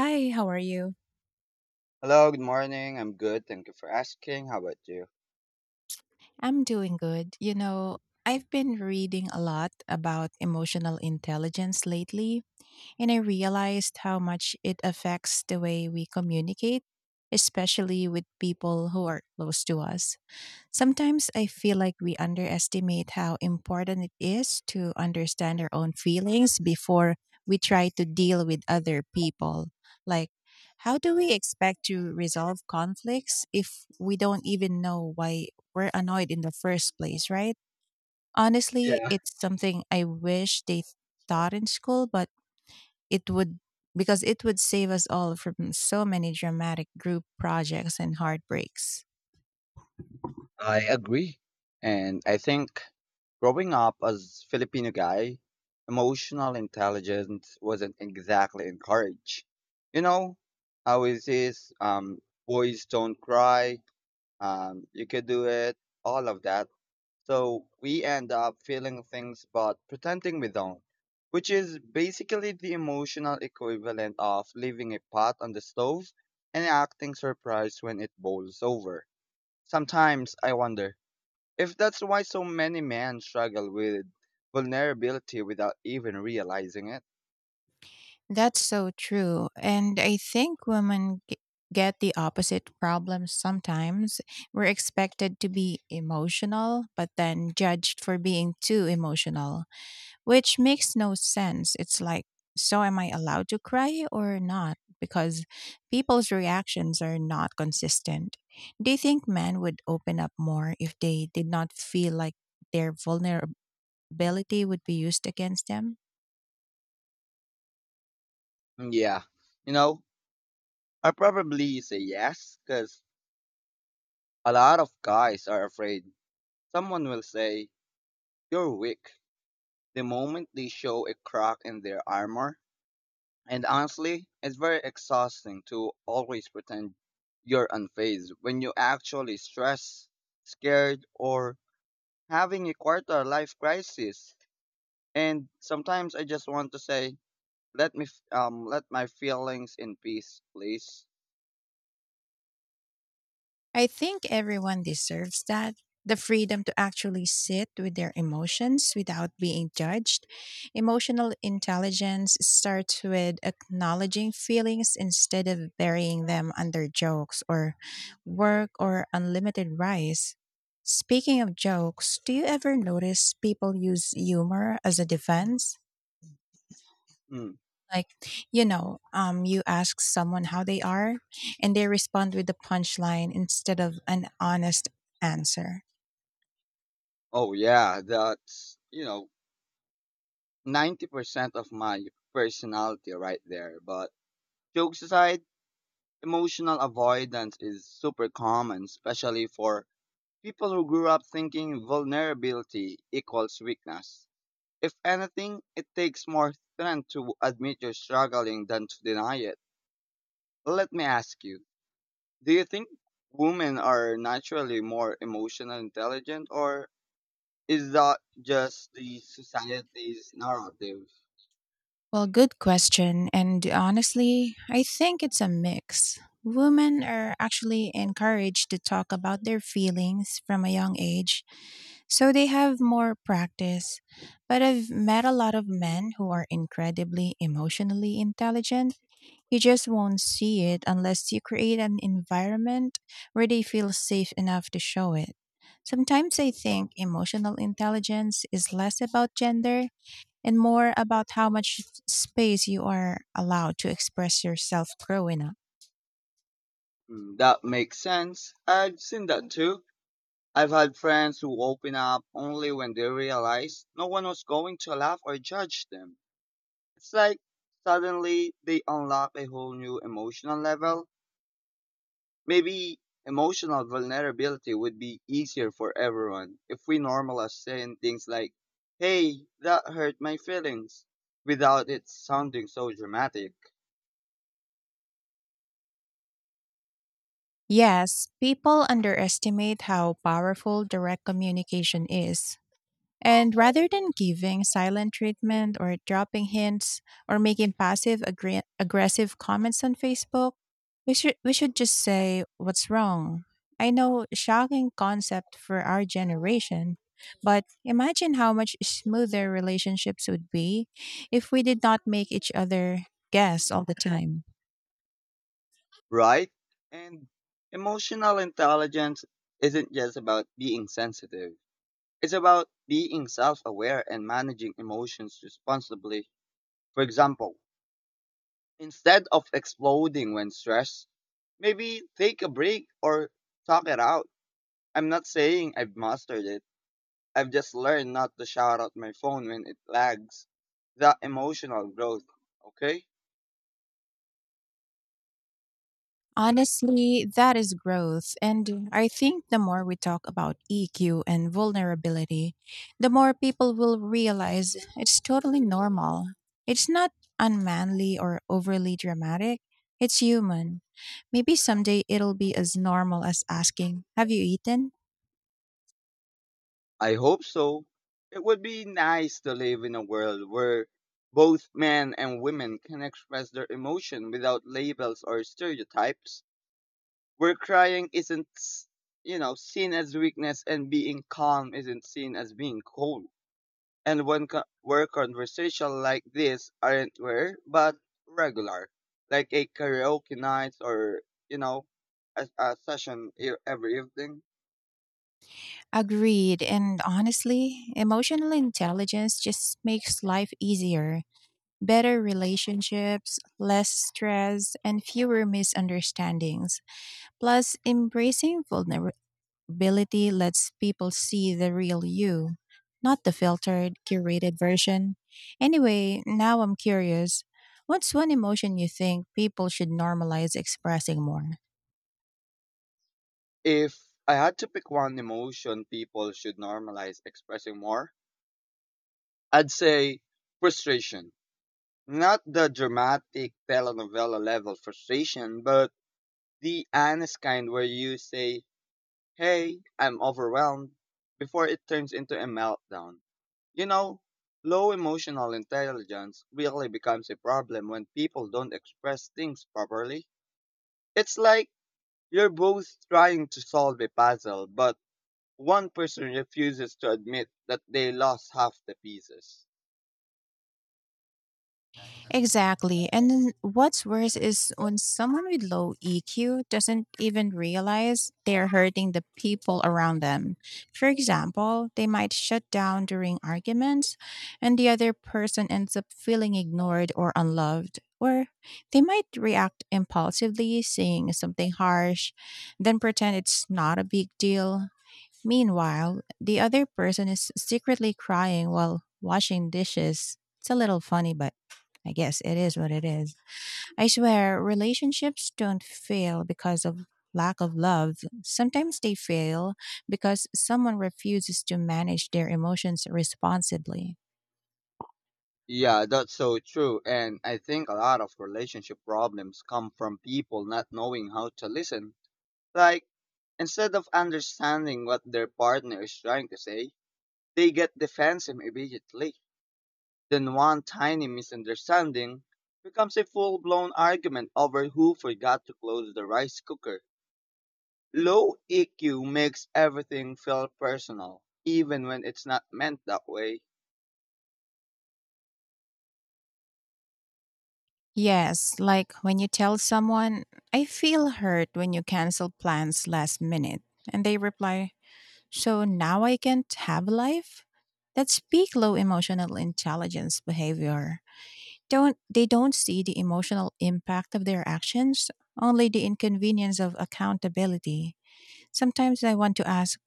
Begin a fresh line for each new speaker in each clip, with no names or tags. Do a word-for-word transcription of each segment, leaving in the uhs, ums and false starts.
Hi, how are you?
Hello, good morning. I'm good. Thank you for asking. How about you?
I'm doing good. You know, I've been reading a lot about emotional intelligence lately, and I realized how much it affects the way we communicate, especially with people who are close to us. Sometimes I feel like we underestimate how important it is to understand our own feelings before we try to deal with other people. Like, how do we expect to resolve conflicts if we don't even know why we're annoyed in the first place, right? Honestly,
Yeah,
it's something I wish they taught in school, but it would because it would save us all from so many dramatic group projects and heartbreaks.
I agree. And I think growing up as Filipino guy, emotional intelligence wasn't exactly encouraged. You know, how is this? Um, boys don't cry. Um, you can do it. All of that. So we end up feeling things but pretending we don't, which is basically the emotional equivalent of leaving a pot on the stove and acting surprised when it boils over. Sometimes I wonder if that's why so many men struggle with vulnerability without even realizing it.
That's so true. And I think women g- get the opposite problem sometimes. We're expected to be emotional, but then judged for being too emotional, which makes no sense. It's like, so am I allowed to cry or not? Because people's reactions are not consistent. Do you think men would open up more if they did not feel like their vulnerability would be used against them?
Mm, yeah, you know, I probably say yes because a lot of guys are afraid someone will say, you're weak the moment they show a crack in their armor. And honestly, it's very exhausting to always pretend you're unfazed when you actually stressed, scared, or having a quarter life crisis. And sometimes I just want to say, let me f- um let my feelings in peace, please.
I think everyone deserves that. The freedom to actually sit with their emotions without being judged. Emotional intelligence starts with acknowledging feelings instead of burying them under jokes or work or unlimited rice. Speaking of jokes, do you ever notice people use humor as a defense?
Mm.
Like, you know, um, you ask someone how they are, and they respond with the punchline instead of an honest answer.
Oh yeah, that's you know ninety percent of my personality right there. But jokes aside. Emotional avoidance is super common, especially for people who grew up thinking vulnerability equals weakness. If anything, it takes more strength to admit you're struggling than to deny it. Let me ask you, do you think women are naturally more emotional intelligent, or is that just the society's narrative?
Well, good question. And honestly, I think it's a mix. Women are actually encouraged to talk about their feelings from a young age, so they have more practice. But I've met a lot of men who are incredibly emotionally intelligent. You just won't see it unless you create an environment where they feel safe enough to show it. Sometimes I think emotional intelligence is less about gender and more about how much space you are allowed to express yourself growing up.
Hmm, that makes sense. I've seen that too. I've had friends who open up only when they realize no one was going to laugh or judge them. It's like suddenly they unlock a whole new emotional level. Maybe emotional vulnerability would be easier for everyone if we normalize saying things like, hey, that hurt my feelings, without it sounding so dramatic,
Yes, people underestimate how powerful direct communication is. And rather than giving silent treatment or dropping hints or making passive aggre- aggressive comments on Facebook, we should we should just say what's wrong. I know, shocking concept for our generation, but imagine how much smoother relationships would be if we did not make each other guess all the time.
right? And emotional intelligence isn't just about being sensitive. It's about being self aware and managing emotions responsibly. For example, instead of exploding when stressed, maybe take a break or talk it out. I'm not saying I've mastered it, I've just learned not to shout out my phone when it lags. That emotional growth, okay?
Honestly, that is growth. And I think the more we talk about E Q and vulnerability, the more people will realize it's totally normal. It's not unmanly or overly dramatic, it's human. Maybe someday it'll be as normal as asking, have you eaten?
I hope so. It would be nice to live in a world where both men and women can express their emotion without labels or stereotypes, where crying isn't s- you know seen as weakness and being calm isn't seen as being cold, and when co- where conversation like this aren't rare but regular, like a karaoke night or you know a, a session e- every evening.
Agreed. And honestly, emotional intelligence just makes life easier. Better relationships, less stress, and fewer misunderstandings. Plus, embracing vulnerability lets people see the real you, not the filtered, curated version. Anyway, now I'm curious, what's one emotion you think people should normalize expressing more?
If I had to pick one emotion people should normalize expressing more, I'd say frustration. Not the dramatic telenovela level frustration, but the honest kind where you say, hey, I'm overwhelmed, before it turns into a meltdown. You know, low emotional intelligence really becomes a problem when people don't express things properly. It's like you're both trying to solve a puzzle, but one person refuses to admit that they lost half the pieces.
Exactly. And then what's worse is when someone with low E Q doesn't even realize they're hurting the people around them. For example, they might shut down during arguments, and the other person ends up feeling ignored or unloved. Or they might react impulsively, saying something harsh, then pretend it's not a big deal. Meanwhile, the other person is secretly crying while washing dishes. It's a little funny, but I guess it is what it is. I swear, relationships don't fail because of lack of love. Sometimes they fail because someone refuses to manage their emotions responsibly.
Yeah, that's so true. And I think a lot of relationship problems come from people not knowing how to listen. Like, instead of understanding what their partner is trying to say, they get defensive immediately. Then one tiny misunderstanding becomes a full blown argument over who forgot to close the rice cooker. Low E Q makes everything feel personal, even when it's not meant that way.
Yes, like when you tell someone, I feel hurt when you cancel plans last minute, and they reply, so now I can't have a life? That's peak low emotional intelligence behavior. Don't, they don't see the emotional impact of their actions, only the inconvenience of accountability. Sometimes I want to ask,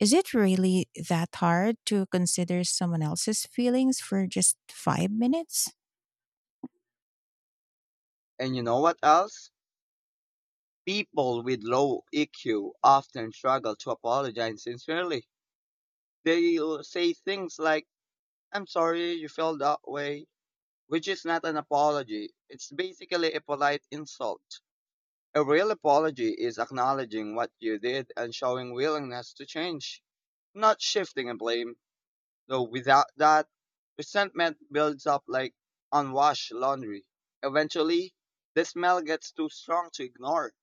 is it really that hard to consider someone else's feelings for just five minutes?
And you know what else? People with low E Q often struggle to apologize sincerely. They'll say things like, I'm sorry you felt that way, which is not an apology. It's basically a polite insult. A real apology is acknowledging what you did and showing willingness to change, not shifting a blame, though without that, resentment builds up like unwashed laundry. Eventually, the smell gets too strong to ignore.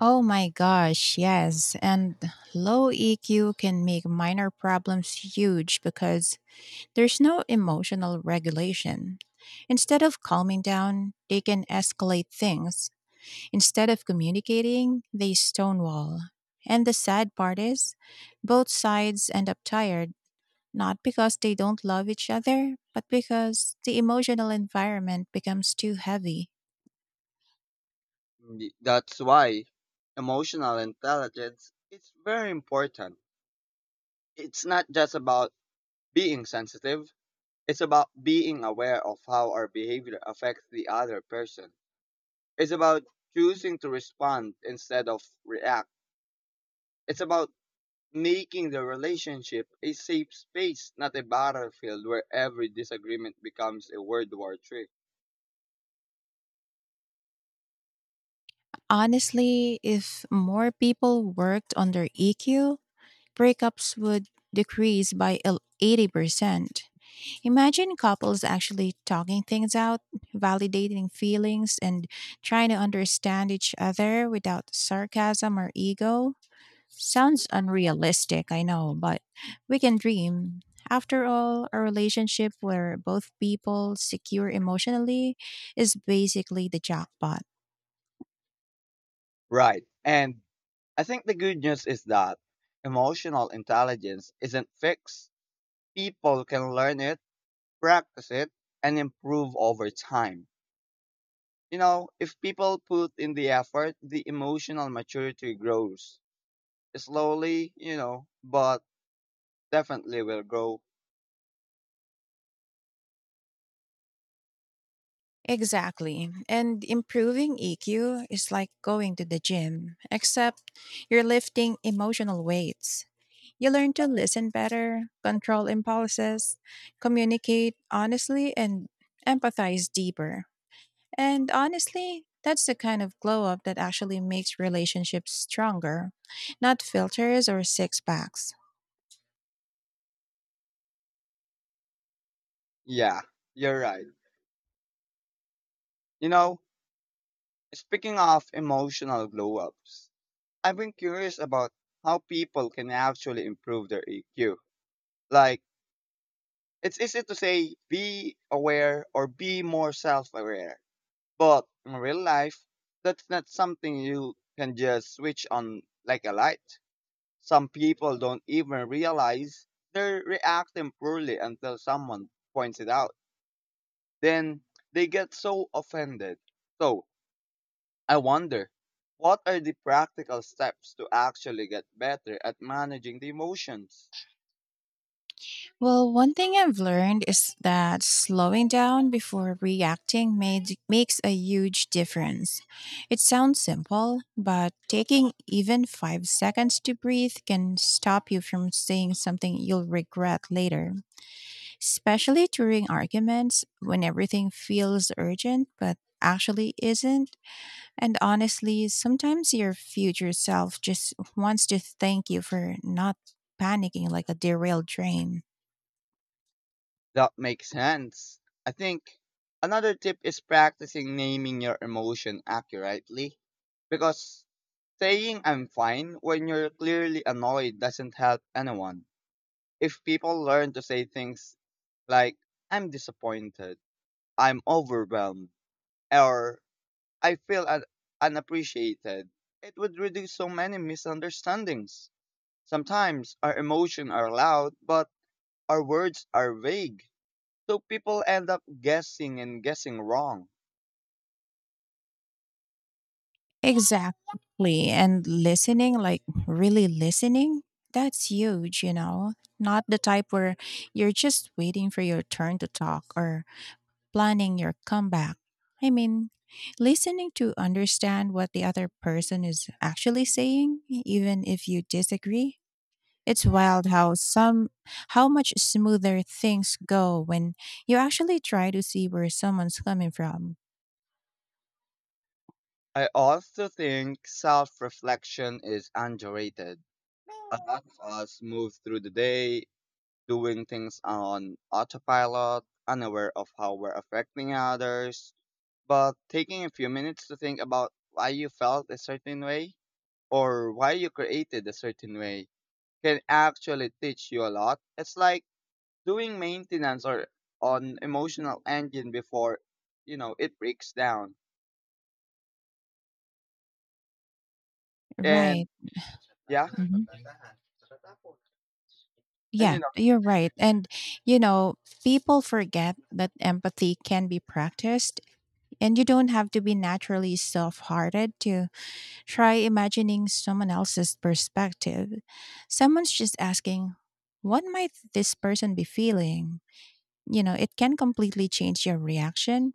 Oh my gosh, yes. And low E Q can make minor problems huge because there's no emotional regulation. Instead of calming down, they can escalate things. Instead of communicating, they stonewall. And the sad part is, both sides end up tired, not because they don't love each other, but because the emotional environment becomes too heavy.
Mm, that's why emotional intelligence is very important. It's not just about being sensitive. It's about being aware of how our behavior affects the other person. It's about choosing to respond instead of react. It's about making the relationship a safe space, not a battlefield where every disagreement becomes a word war trick.
Honestly, if more people worked on their E Q, breakups would decrease by el- eighty percent. Imagine couples actually talking things out, validating feelings, and trying to understand each other without sarcasm or ego. Sounds unrealistic, I know, but we can dream. After all, a relationship where both people secure emotionally is basically the jackpot.
Right. And I think the good news is that emotional intelligence isn't fixed. People can learn it, practice it, and improve over time. You know, if people put in the effort, the emotional maturity grows. Slowly, you know, but definitely will grow.
Exactly. And improving E Q is like going to the gym, except you're lifting emotional weights. You learn to listen better, control impulses, communicate honestly, and empathize deeper. And honestly, that's the kind of glow up that actually makes relationships stronger, not filters or six packs.
Yeah, you're right. You know, speaking of emotional glow ups, I've been curious about how people can actually improve their E Q. Like, it's easy to say be aware or be more self aware, but in real life, that's not something you can just switch on like a light. Some people don't even realize they're reacting poorly until someone points it out. Then they get so offended. So, I wonder, what are the practical steps to actually get better at managing the emotions?
Well, one thing I've learned is that slowing down before reacting made, makes a huge difference. It sounds simple, but taking even five seconds to breathe can stop you from saying something you'll regret later, especially during arguments when everything feels urgent but actually isn't. And honestly, sometimes your future self just wants to thank you for not panicking like a derailed train.
That makes sense. I think another tip is practicing naming your emotion accurately, because saying I'm fine when you're clearly annoyed doesn't help anyone. If people learn to say things like, I'm disappointed, I'm overwhelmed, or I feel un- unappreciated. It would reduce so many misunderstandings. Sometimes our emotions are loud, but our words are vague. So people end up guessing and guessing wrong.
Exactly. And listening, like really listening, that's huge, you know? Not the type where you're just waiting for your turn to talk or planning your comeback. I mean, listening to understand what the other person is actually saying, e, even if you disagree. It's wild how some how much smoother things go when you actually try to see where someone's coming from.
I also think self reflection is underrated. A lot of us move through the day doing things on autopilot, unaware of how we're affecting others, but taking a few minutes to think about why you felt a certain way or why you created a certain way can actually teach you a lot. It's like doing maintenance or on emotional engine before you know it breaks down.
Right.
And yeah,
Mhm.
and
Yeah,
you know,
you're right. And, you know, people forget that empathy can be practiced, and you don't have to be naturally soft hearted to try imagining someone else's perspective. Someone's just asking, what might this person be feeling? You know, it can completely change your reaction.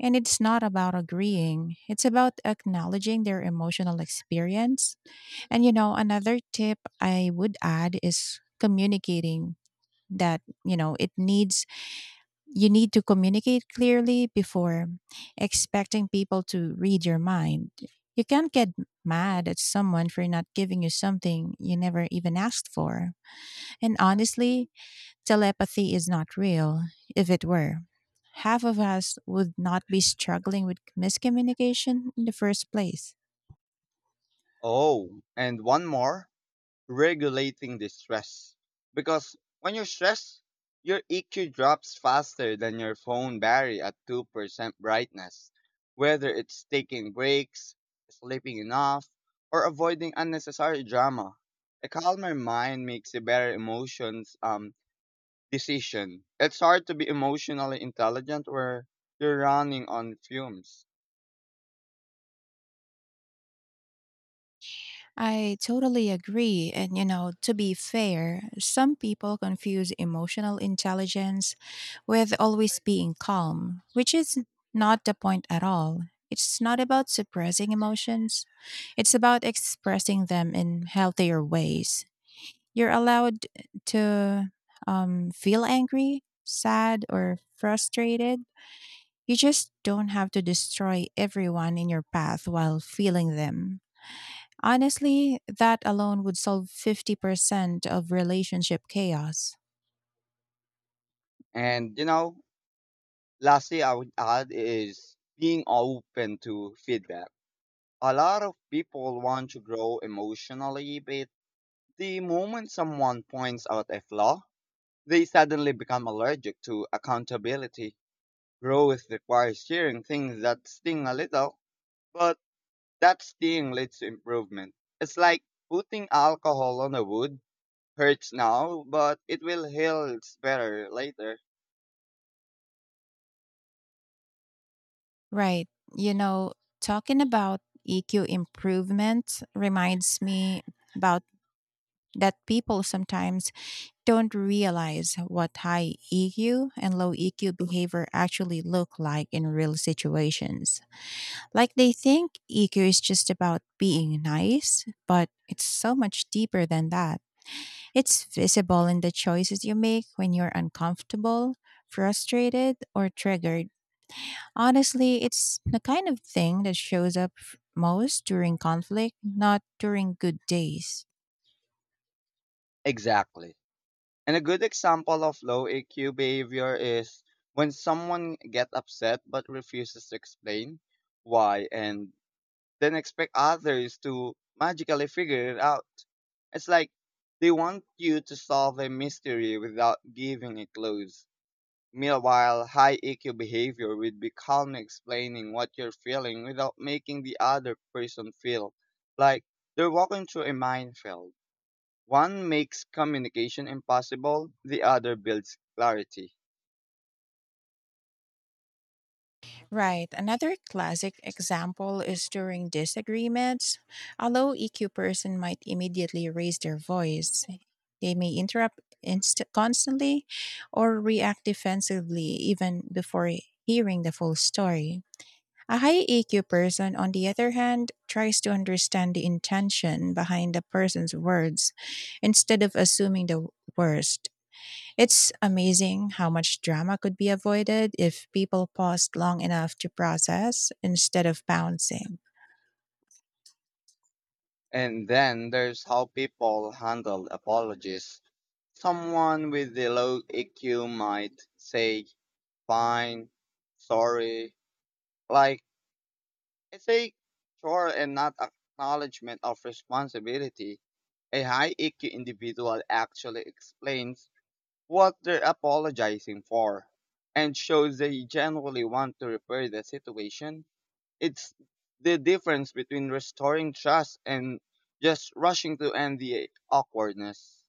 And it's not about agreeing, it's about acknowledging their emotional experience. And you know, another tip I would add is communicating that, you know, it needs you need to communicate clearly before expecting people to read your mind. You can't get mad at someone for not giving you something you never even asked for. And honestly, telepathy is not real. If it were, half of us would not be struggling with miscommunication in the first place.
oh, and one more. Regulating the stress. Because when you're stressed, your E Q drops faster than your phone battery at two percent brightness. Whether it's taking breaks, sleeping enough, or avoiding unnecessary drama, a calmer mind makes a better emotions um, decision. It's hard to be emotionally intelligent where you're running on fumes.
I totally agree. And, you know, to be fair, some people confuse emotional intelligence with always being calm, which is not the point at all. It's not about suppressing emotions, it's about expressing them in healthier ways. You're allowed to um, feel angry, sad, or frustrated. You just don't have to destroy everyone in your path while feeling them. Honestly, that alone would solve fifty percent of relationship chaos.
And you know, lastly, I would add is being open to feedback. A lot of people want to grow emotionally, but the moment someone points out a flaw, they suddenly become allergic to accountability. Growth requires hearing things that sting a little, but that sting leads to improvement. It's like putting alcohol on a wound. Hurts now, but it will heal better later.
Right. You know, talking about E Q improvement reminds me about that people sometimes don't realize what high E Q and low E Q behavior actually look like in real situations. Like, they think E Q is just about being nice, but it's so much deeper than that. It's visible in the choices you make when you're uncomfortable, frustrated, or triggered. Honestly, it's the kind of thing that shows up f- most during conflict, not during good days.
Exactly. And a good example of low A Q behavior is when someone gets upset but refuses to explain why and then expect others to magically figure it out. It's like they want you to solve a mystery without giving a clue. Meanwhile, high E Q behavior would be calmly explaining what you're feeling without making the other person feel like they're walking through a minefield. One makes communication impossible, the other builds clarity.
Right. Another classic example is during disagreements. A low E Q person might immediately raise their voice. They may interrupt inst- constantly or react defensively even before hearing the full story. A high E Q person, on the other hand, tries to understand the intention behind the person's words instead of assuming the worst. It's amazing how much drama could be avoided if people paused long enough to process instead of bouncing.
And then there's how people handle apologies. Someone with a low E Q might say, fine, sorry, like it's a chore and not acknowledgement of responsibility. A high E Q individual actually explains what they're apologizing for and shows they genuinely want to repair the situation. It's the difference between restoring trust and just rushing to end the awkwardness.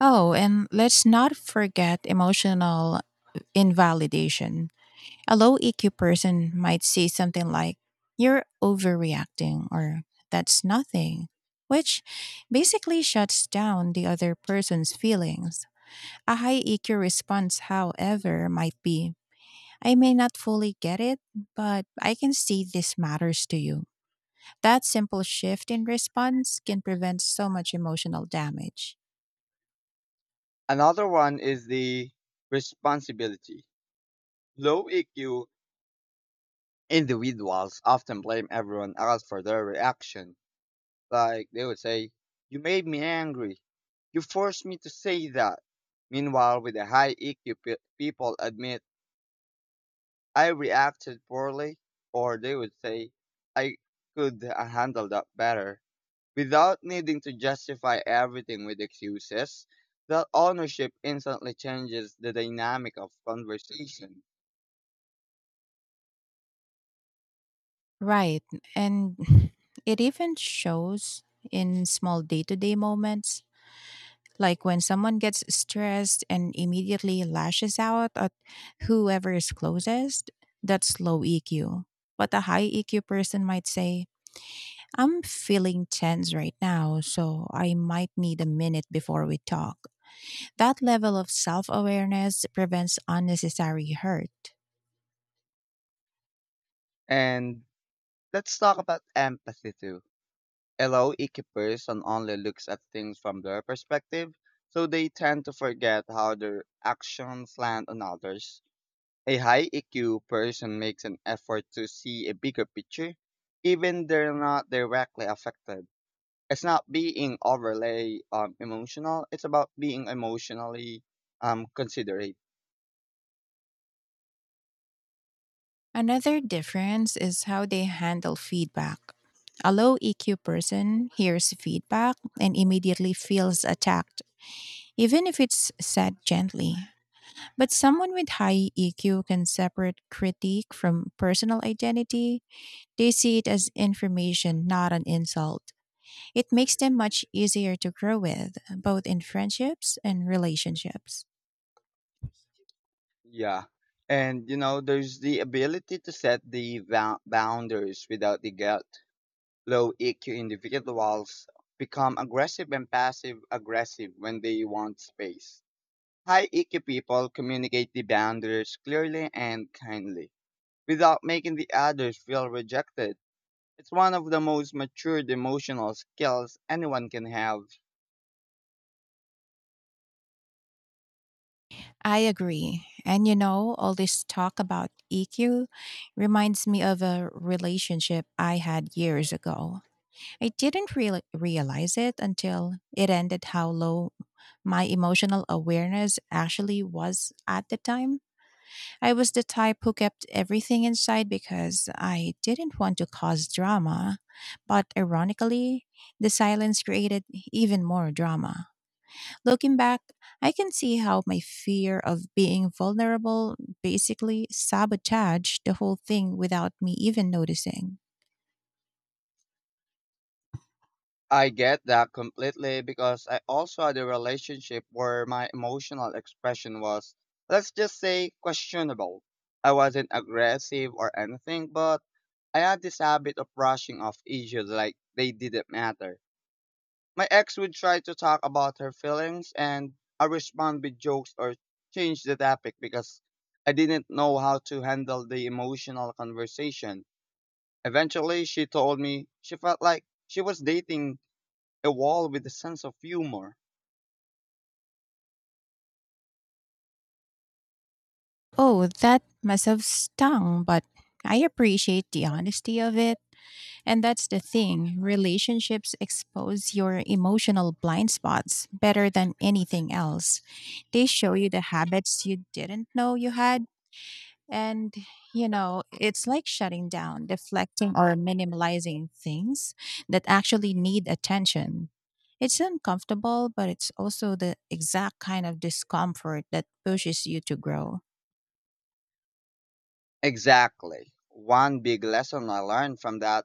Oh, and let's not forget emotional invalidation. A low E Q person might say something like, you're overreacting, or that's nothing, which basically shuts down the other person's feelings. A high E Q response, however, might be, I may not fully get it, but I can see this matters to you. That simple shift in response can prevent so much emotional damage.
Another one is the responsibility. Low E Q individuals often blame everyone else for their reaction. Like they would say, you made me angry. You forced me to say that. Meanwhile, with the high E Q, pe- people admit, I reacted poorly, or they would say, I could uh, handle that better. Without needing to justify everything with excuses, that ownership instantly changes the dynamic of conversation.
Right. And it even shows in small day to day moments, like when someone gets stressed and immediately lashes out at whoever is closest, that's low E Q. But a high E Q person might say, I'm feeling tense right now, so I might need a minute before we talk. That level of self awareness prevents unnecessary hurt.
And let's talk about empathy too. A low E Q person only looks at things from their perspective, so they tend to forget how their actions land on others. A high E Q person makes an effort to see a bigger picture, even they're not directly affected. It's not being overly um emotional, it's about being emotionally um considerate.
Another difference is how they handle feedback. A low E Q person hears feedback and immediately feels attacked, even if it's said gently. But someone with high E Q can separate critique from personal identity. They see it as information, not an insult. It makes them much easier to grow with, both in friendships and relationships.
Yeah, and you know, there's the ability to set the va- boundaries without the guilt. Low EQ individuals become aggressive and passive aggressive when they want space. High EQ people communicate the boundaries clearly and kindly without making the others feel rejected. It's one of the most matured emotional skills anyone can have.
I agree. And you know, all this talk about E Q reminds me of a relationship I had years ago. I didn't real realize it until it ended how low my emotional awareness actually was at the time. I was the type who kept everything inside because I didn't want to cause drama. But ironically, the silence created even more drama. Looking back, I can see how my fear of being vulnerable basically sabotaged the whole thing without me even noticing.
I get that completely because I also had a relationship where my emotional expression was, let's just say, questionable. I wasn't aggressive or anything, but I had this habit of brushing off issues like they didn't matter. My ex would try to talk about her feelings, and I respond with jokes or change the topic because I didn't know how to handle the emotional conversation. Eventually, she told me she felt like she was dating a wall with a sense of humor.
Oh, that must have stung, but I appreciate the honesty of it. And that's the thing, relationships expose your emotional blind spots better than anything else. They show you the habits you didn't know you had. And, you know, it's like shutting down, deflecting, or minimalizing things that actually need attention. It's uncomfortable, but it's also the exact kind of discomfort that pushes you to grow.
Exactly. One big lesson I learned from that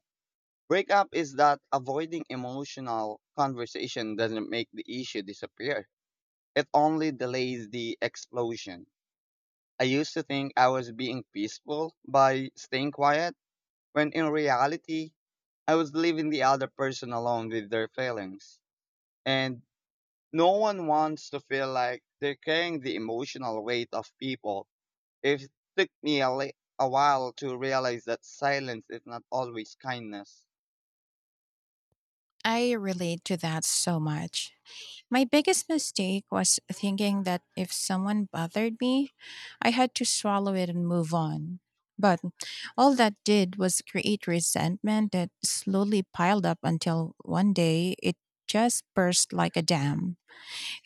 breakup is that avoiding emotional conversation doesn't make the issue disappear. It only delays the explosion. I used to think I was being peaceful by staying quiet, when in reality, I was leaving the other person alone with their feelings. And no one wants to feel like they're carrying the emotional weight of people. It took me a, li- a while to realize that silence is not always kindness.
I relate to that so much. My biggest mistake was thinking that if someone bothered me, I had to swallow it and move on. But all that did was create resentment that slowly piled up until one day it just burst like a dam.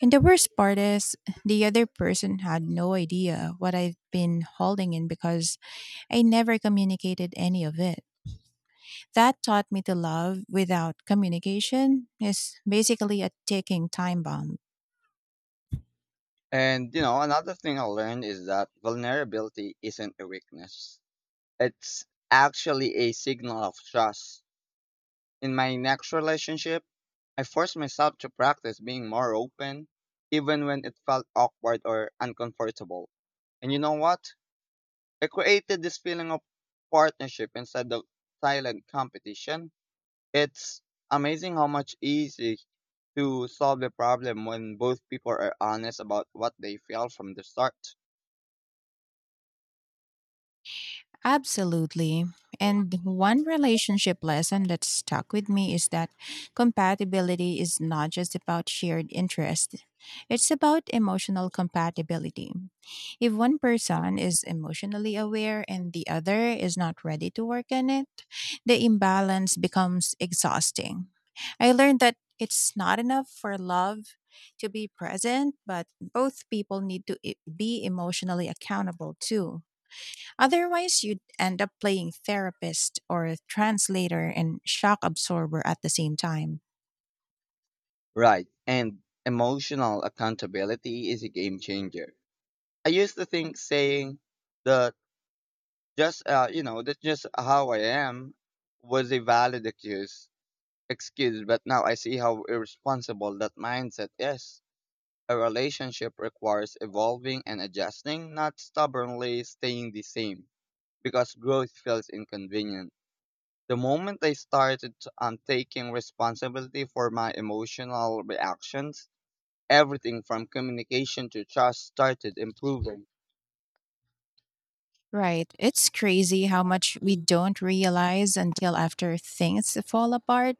And the worst part is, the other person had no idea what I've been holding in because I never communicated any of it. That taught me, to love without communication is basically a ticking time bomb.
And, you know, another thing I learned is that vulnerability isn't a weakness, it's actually a signal of trust. In my next relationship, I forced myself to practice being more open, even when it felt awkward or uncomfortable. And you know what? I created this feeling of partnership instead of silent competition. It's amazing how much easy to solve the problem when both people are honest about what they feel from the start.
Absolutely. And one relationship lesson that stuck with me is that compatibility is not just about shared interest, it's about emotional compatibility. If one person is emotionally aware and the other is not ready to work on it, the imbalance becomes exhausting. I learned that it's not enough for love to be present, but both people need to e- be emotionally accountable too. Otherwise, you'd end up playing therapist or translator and shock absorber at the same time.
Right. And emotional accountability is a game changer. I used to think saying that, just uh, you know that's just how I am was a valid excuse. Excuse, but now I see how irresponsible that mindset is. A relationship requires evolving and adjusting, not stubbornly staying the same. Because growth feels inconvenient. The moment I started t- um, taking responsibility for my emotional reactions, everything from communication to trust started improving.
Right. It's crazy how much we don't realize until after things fall apart.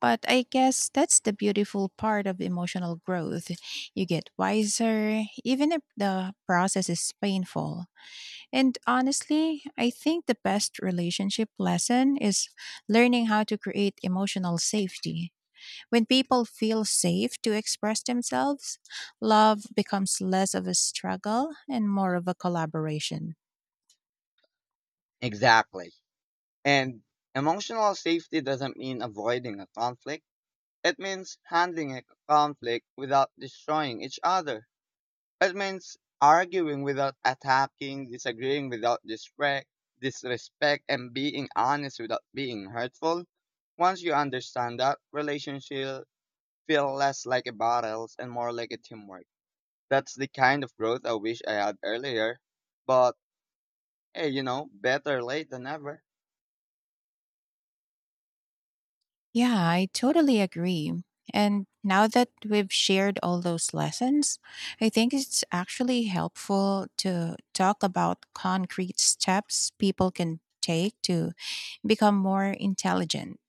But I guess that's the beautiful part of emotional growth. You get wiser, even if the process is painful. And honestly, I think the best relationship lesson is learning how to create emotional safety. When people feel safe to express themselves, love becomes less of a struggle and more of a collaboration.
Exactly. And emotional safety doesn't mean avoiding a conflict, it means handling a conflict without destroying each other. It means arguing without attacking, disagreeing without disrespect, disrespect, and being honest without being hurtful. Once you understand that, relationships feel less like a battles and more like a teamwork. That's the kind of growth I wish I had earlier. But hey, you know, better late than never.
Yeah, I totally agree. And now that we've shared all those lessons, I think it's actually helpful to talk about concrete steps people can take to become more intelligent.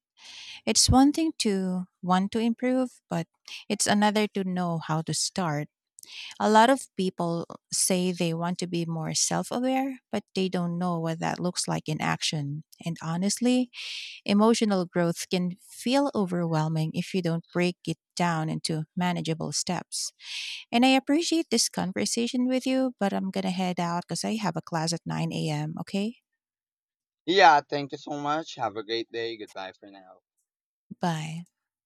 It's one thing to want to improve, but it's another to know how to start. A lot of people say they want to be more self aware, but they don't know what that looks like in action. And honestly, emotional growth can feel overwhelming if you don't break it down into manageable steps. And I appreciate this conversation with you, but I'm going to head out because I have a class at nine a m. Okay?
Yeah, thank you so much. Have a great day. Goodbye for now.
Bye.